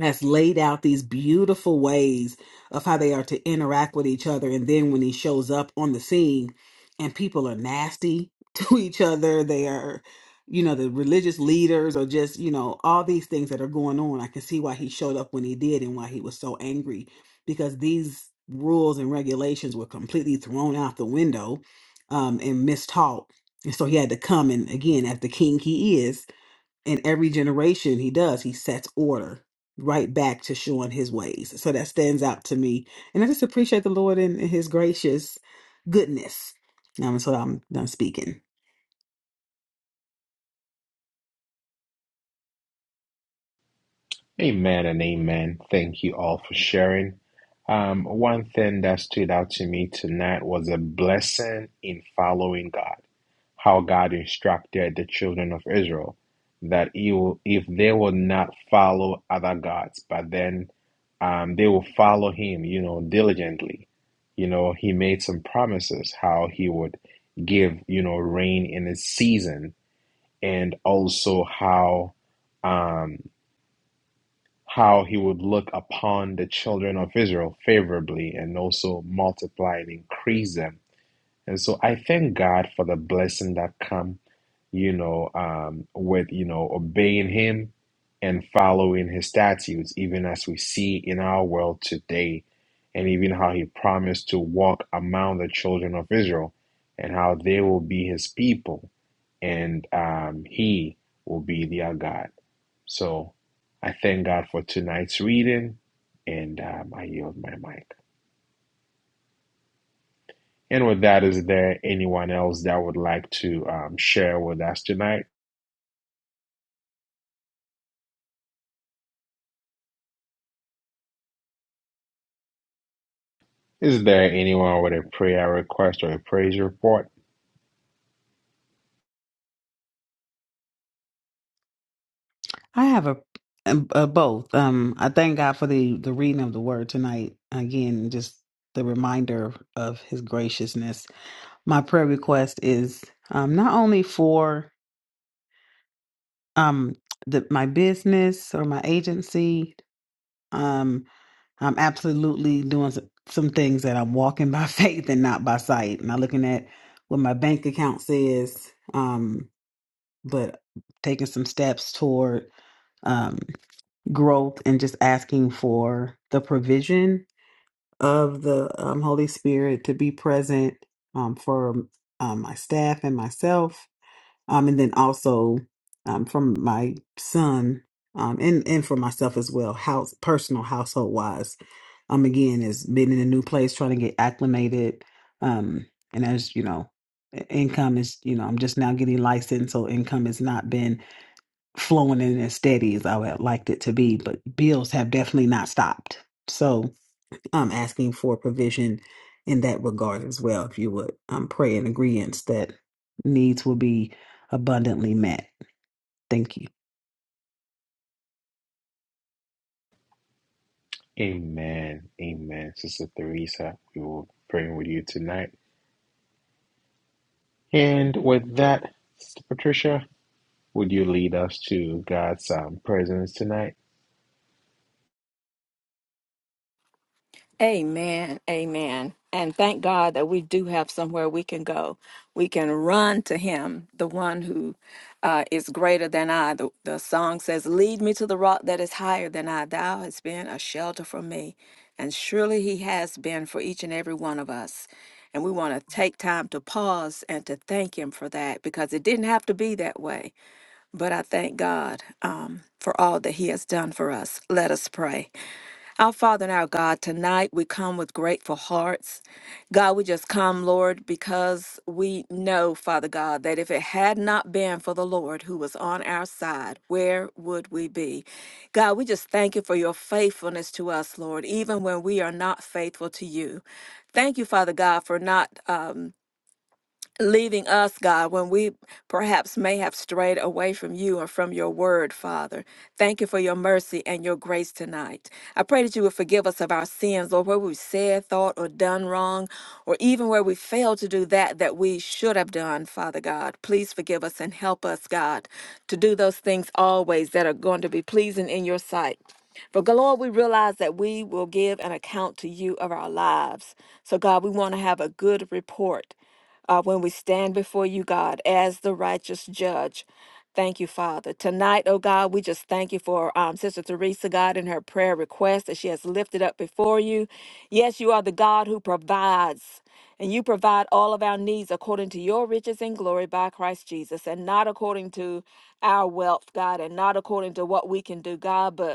Speaker 4: has laid out these beautiful ways of how they are to interact with each other. And then when he shows up on the scene and people are nasty to each other, they are, you know, the religious leaders or just, you know, all these things that are going on. I can see why he showed up when he did and why he was so angry because these rules and regulations were completely thrown out the window um, and mistaught. And so he had to come and again, as the king he is, in every generation he does he sets order right back to showing his ways so that stands out to me and i just appreciate the lord and and his gracious goodness um, so i'm done speaking
Speaker 1: Amen and amen. Thank you all for sharing. Um, one thing that stood out to me tonight was a blessing in following God. How God instructed the children of Israel that he will, if they will not follow other gods, but then um, they will follow Him, you know, diligently. You know, He made some promises how He would give, you know, rain in its season, and also how. um, how he would look upon the children of Israel favorably and also multiply and increase them. And so I thank God for the blessing that come, you know, um, with you know obeying Him and following His statutes, even as we see in our world today, and even how He promised to walk among the children of Israel, and how they will be His people, and um, He will be their God. So I thank God for tonight's reading and um, I yield my mic. And with that, is there anyone else that would like to um, share with us tonight? Is there anyone with a prayer request or a praise report?
Speaker 4: I have a, a, a both. Um, I thank God for the the reading of the word tonight. Again, just the reminder of His graciousness. My prayer request is um, not only for um the my business or my agency. Um, I'm absolutely doing some, some things that I'm walking by faith and not by sight, not looking at what my bank account says. Um, but taking some steps toward um, growth and just asking for the provision of the um, Holy Spirit to be present um, for um, my staff and myself, um, and then also um, from my son um, and and for myself as well, house personal household wise. Um, again, is being in a new place, trying to get acclimated, um, and as you know, i- income is you know I'm just now getting licensed, so income has not been flowing in as steady as I would have liked it to be, but bills have definitely not stopped. So I'm asking for provision in that regard as well, if you would. I'm praying agreements that needs will be abundantly met. Thank you.
Speaker 1: Amen. Amen. Sister Theresa, we will pray with you tonight. And with that, Sister Patricia, would you lead us to God's um, presence tonight?
Speaker 2: Amen. Amen. And thank God that we do have somewhere we can go. We can run to Him, the one who uh, is greater than I. The, the song says, Lead me to the rock that is higher than I. Thou hast been a shelter for me. And surely He has been for each and every one of us. And we want to take time to pause and to thank Him for that because it didn't have to be that way. But I thank God um, for all that He has done for us. Let us pray. Our Father and our God, tonight we come with grateful hearts. God, we just come, Lord, because we know, Father God, that if it had not been for the Lord who was on our side, where would we be? God, we just thank you for your faithfulness to us, Lord, even when we are not faithful to you. Thank you, Father God, for not. Um, leading us, God, when we perhaps may have strayed away from you or from your word, Father. Thank you for your mercy and your grace tonight. I pray that you would forgive us of our sins, Lord, where we've said, thought, or done wrong, or even where we failed to do that that we should have done, Father God. Please forgive us and help us, God, to do those things always that are going to be pleasing in your sight. For God, Lord, we realize that we will give an account to you of our lives. So, God, we want to have a good report uh, when we stand before you, God, as the righteous judge. Thank you, Father. Tonight, oh God, we just thank you for um, Sister Teresa, God, and her prayer request that she has lifted up before you. Yes, you are the God who provides, and you provide all of our needs according to your riches and glory by Christ Jesus, and not according to our wealth, God, and not according to what we can do, God, but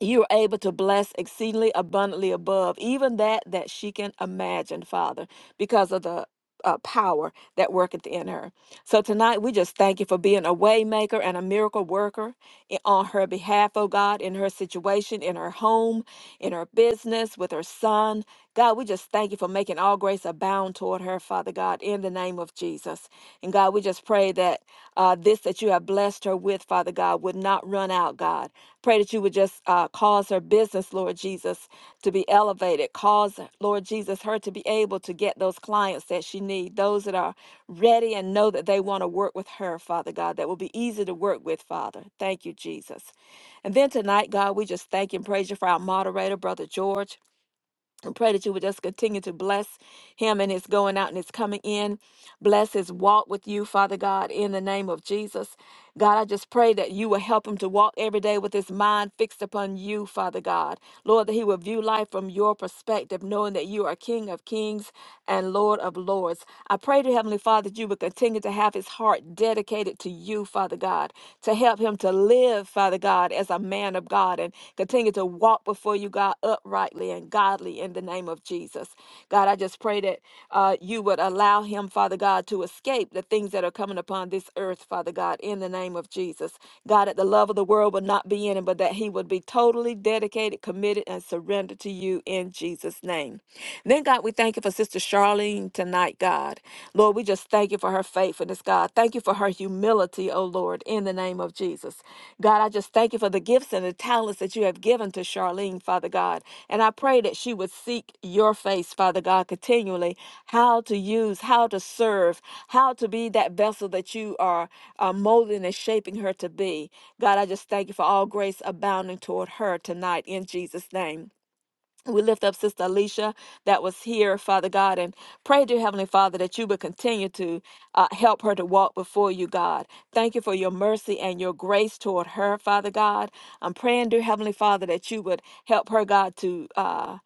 Speaker 2: you are able to bless exceedingly abundantly above even that that she can imagine father because of the uh, power that worketh in her so tonight we just thank you for being a waymaker and a miracle worker i- on her behalf oh god in her situation in her home in her business with her son god we just thank you for making all grace abound toward her father god in the name of jesus and god we just pray that uh, this that you have blessed her with father god would not run out god Pray that you would just uh, cause her business, Lord Jesus, to be elevated. Cause, Lord Jesus, her to be able to get those clients that she needs, those that are ready and know that they want to work with her, Father God, that will be easy to work with, Father. Thank you, Jesus. And then tonight, God, we just thank and praise you for our moderator, Brother George and pray that you would just continue to bless him and his going out and his coming in. Bless his walk with you, Father God, in the name of Jesus. God, I just pray that you will help him to walk every day with his mind fixed upon you, Father God. Lord, that he will view life from your perspective, knowing that you are King of kings and Lord of lords. I pray to Heavenly Father that you would continue to have his heart dedicated to you, Father God, to help him to live, Father God, as a man of God and continue to walk before you, God, uprightly and godly in the name of Jesus. God, I just pray that uh, you would allow him, Father God, to escape the things that are coming upon this earth, Father God, in the name of Jesus. God, that the love of the world would not be in him, but that he would be totally dedicated, committed, and surrendered to you in Jesus' name. Then, God, we thank you for Sister Charlene tonight, God. Lord, we just just Thank you for her faithfulness, God. Thank you for her humility, oh Lord, in the name of Jesus. God, I just thank you for the gifts and the talents that you have given to Charlene, Father God. And I pray that she would seek your face, Father God, continually, how to use, how to serve, how to be that vessel that you are uh, molding and shaping her to be. God, I just thank you for all grace abounding toward her tonight in Jesus' name. We lift up Sister Alicia that was here, Father God, and pray, dear Heavenly Father, that you would continue to uh, help her to walk before you, God. Thank you for your mercy and your grace toward her, Father God. I'm praying, dear Heavenly Father, that you would help her, God, to. Uh,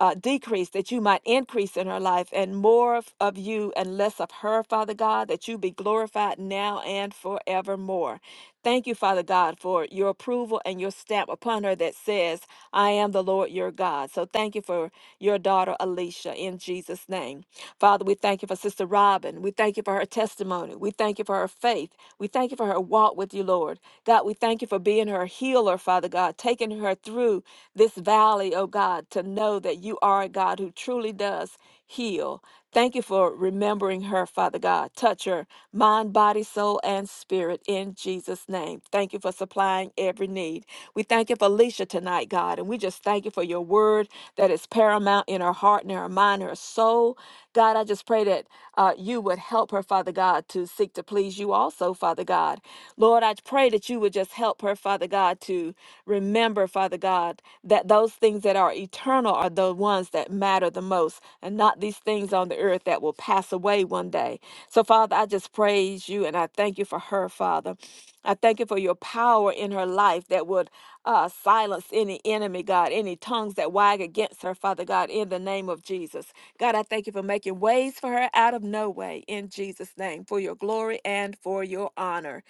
Speaker 2: uh, decrease, that you might increase in her life, and more of, of you and less of her, Father God, that you be glorified now and forevermore. Thank you, Father God, for your approval and your stamp upon her that says, I am the Lord your God. So thank you for your daughter, Alicia, in Jesus' name. Father, we thank you for Sister Robin. We thank you for her testimony. We thank you for her faith. We thank you for her walk with you, Lord. God, we thank you for being her healer, Father God, taking her through this valley, oh God, to know that you are a God who truly does heal. Thank you for remembering her, Father God. Touch her mind, body, soul, and spirit in Jesus' name. Thank you for supplying every need. We thank you for Alicia tonight, God, and we just thank you for your word that is paramount in her heart and her mind, her soul. God, I just pray that uh, you would help her, Father God, to seek to please you also, Father God. Lord, I pray that you would just help her, Father God, to remember, Father God, that those things that are eternal are the ones that matter the most and not these things on the earth that will pass away one day. So, Father, Father, I just praise you and I thank you for her, Father. I thank you for your power in her life that would uh, silence any enemy, God, any tongues that wag against her, Father God, in the name of Jesus. God, I thank you for making ways for her out of no way in Jesus' name, for your glory and for your honor.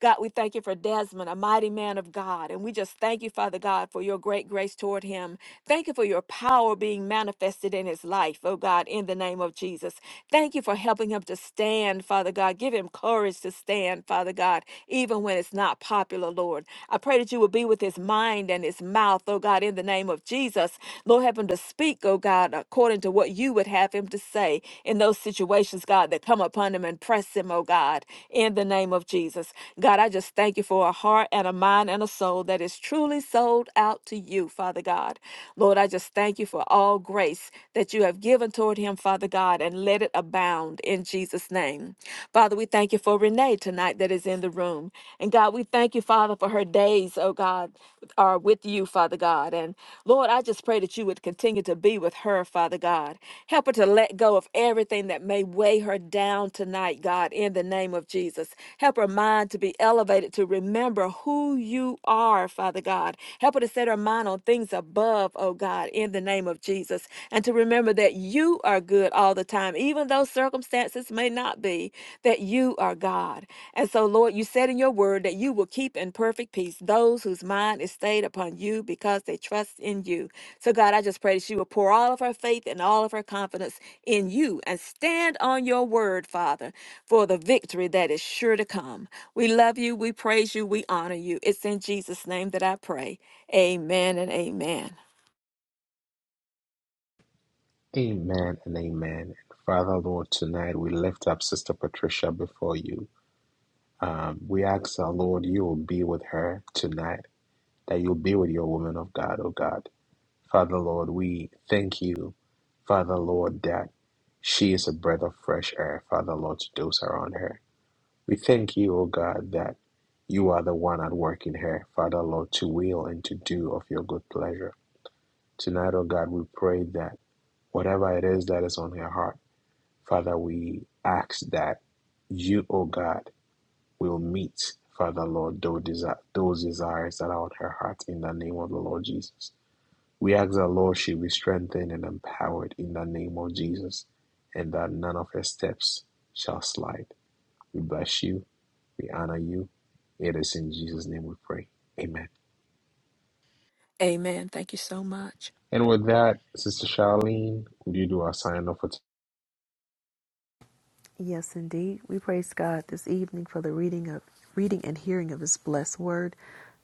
Speaker 2: God, we thank you for Desmond, a mighty man of God. And we just thank you, Father God, for your great grace toward him. Thank you for your power being manifested in his life, oh God, in the name of Jesus. Thank you for helping him to stand, Father God. Give him courage to stand, Father God, even when it's not popular, Lord. I pray that you will be with his mind and his mouth, oh God, in the name of Jesus. Lord, help him to speak, oh God, according to what what you would have him to say in those situations, God, that come upon him and press him, oh God, in the name of Jesus. God, I just thank you for a heart and a mind and a soul that is truly sold out to you, Father God. Lord, I just thank you for all grace that you have given toward him, Father God, and let it abound in Jesus' name. Father, we thank you for Renee tonight that is in the room. And God, we thank you, Father, for her for her days, oh God, are with you, Father God. And Lord, I just pray that you would continue to be with her, Father God. Help her to let go of everything that may weigh her down tonight, God, in the name of Jesus. Help her mind to be elevated to remember who you are, Father God. Help her to set her mind on things above, oh God, in the name of Jesus. And to remember that you are good all the time, even even though circumstances may not be, that you are God. And so, Lord, you said in your word that you will keep in perfect peace those whose mind is stayed upon you because they trust in you. So, God, I just pray that you will pour all of her faith and all of her confidence in you and stand on your word, Father, for the victory that is sure to come. We love you, we praise you, we honor you. It's in Jesus' name that I pray. Amen and amen.
Speaker 1: Amen and amen. Father, Lord, tonight we lift up Sister Patricia before you. Um, we ask our Lord, you will be with her tonight, that you'll be with your woman of God, oh God. Father Lord, we thank you, Father Lord, that she is a breath of fresh air, Father Lord, to those around her. We thank you, oh God, that you are the one at work in her, Father Lord, to will and to do of your good pleasure. Tonight, oh God, we pray that whatever it is that is on her heart, Father, we ask that you, oh God, will meet, Father Lord, those, desi- those desires that are on her heart in the name of the Lord Jesus. We ask that, Lord, she be strengthened and empowered in the name of Jesus, and that none of her steps shall slide. We bless you. We honor you. It is in Jesus' name we pray. Amen.
Speaker 2: Amen. Thank you so much.
Speaker 1: And with that, Sister Charlene, would you do our sign off for today?
Speaker 3: Yes, indeed. We praise God this evening for the reading of reading and hearing of his blessed word.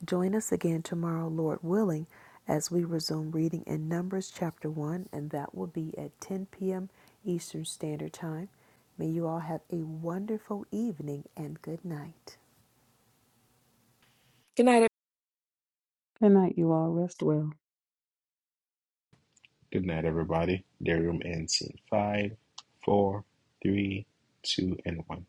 Speaker 3: Join us again tomorrow, Lord willing, as we resume reading in Numbers chapter 1, and that will be at 10 p.m. Eastern Standard Time. May you all have a wonderful evening and good night.
Speaker 2: Good night.
Speaker 4: Good night, you all. Rest well.
Speaker 1: Good night, everybody. The room ends in five, four, three, two, and one.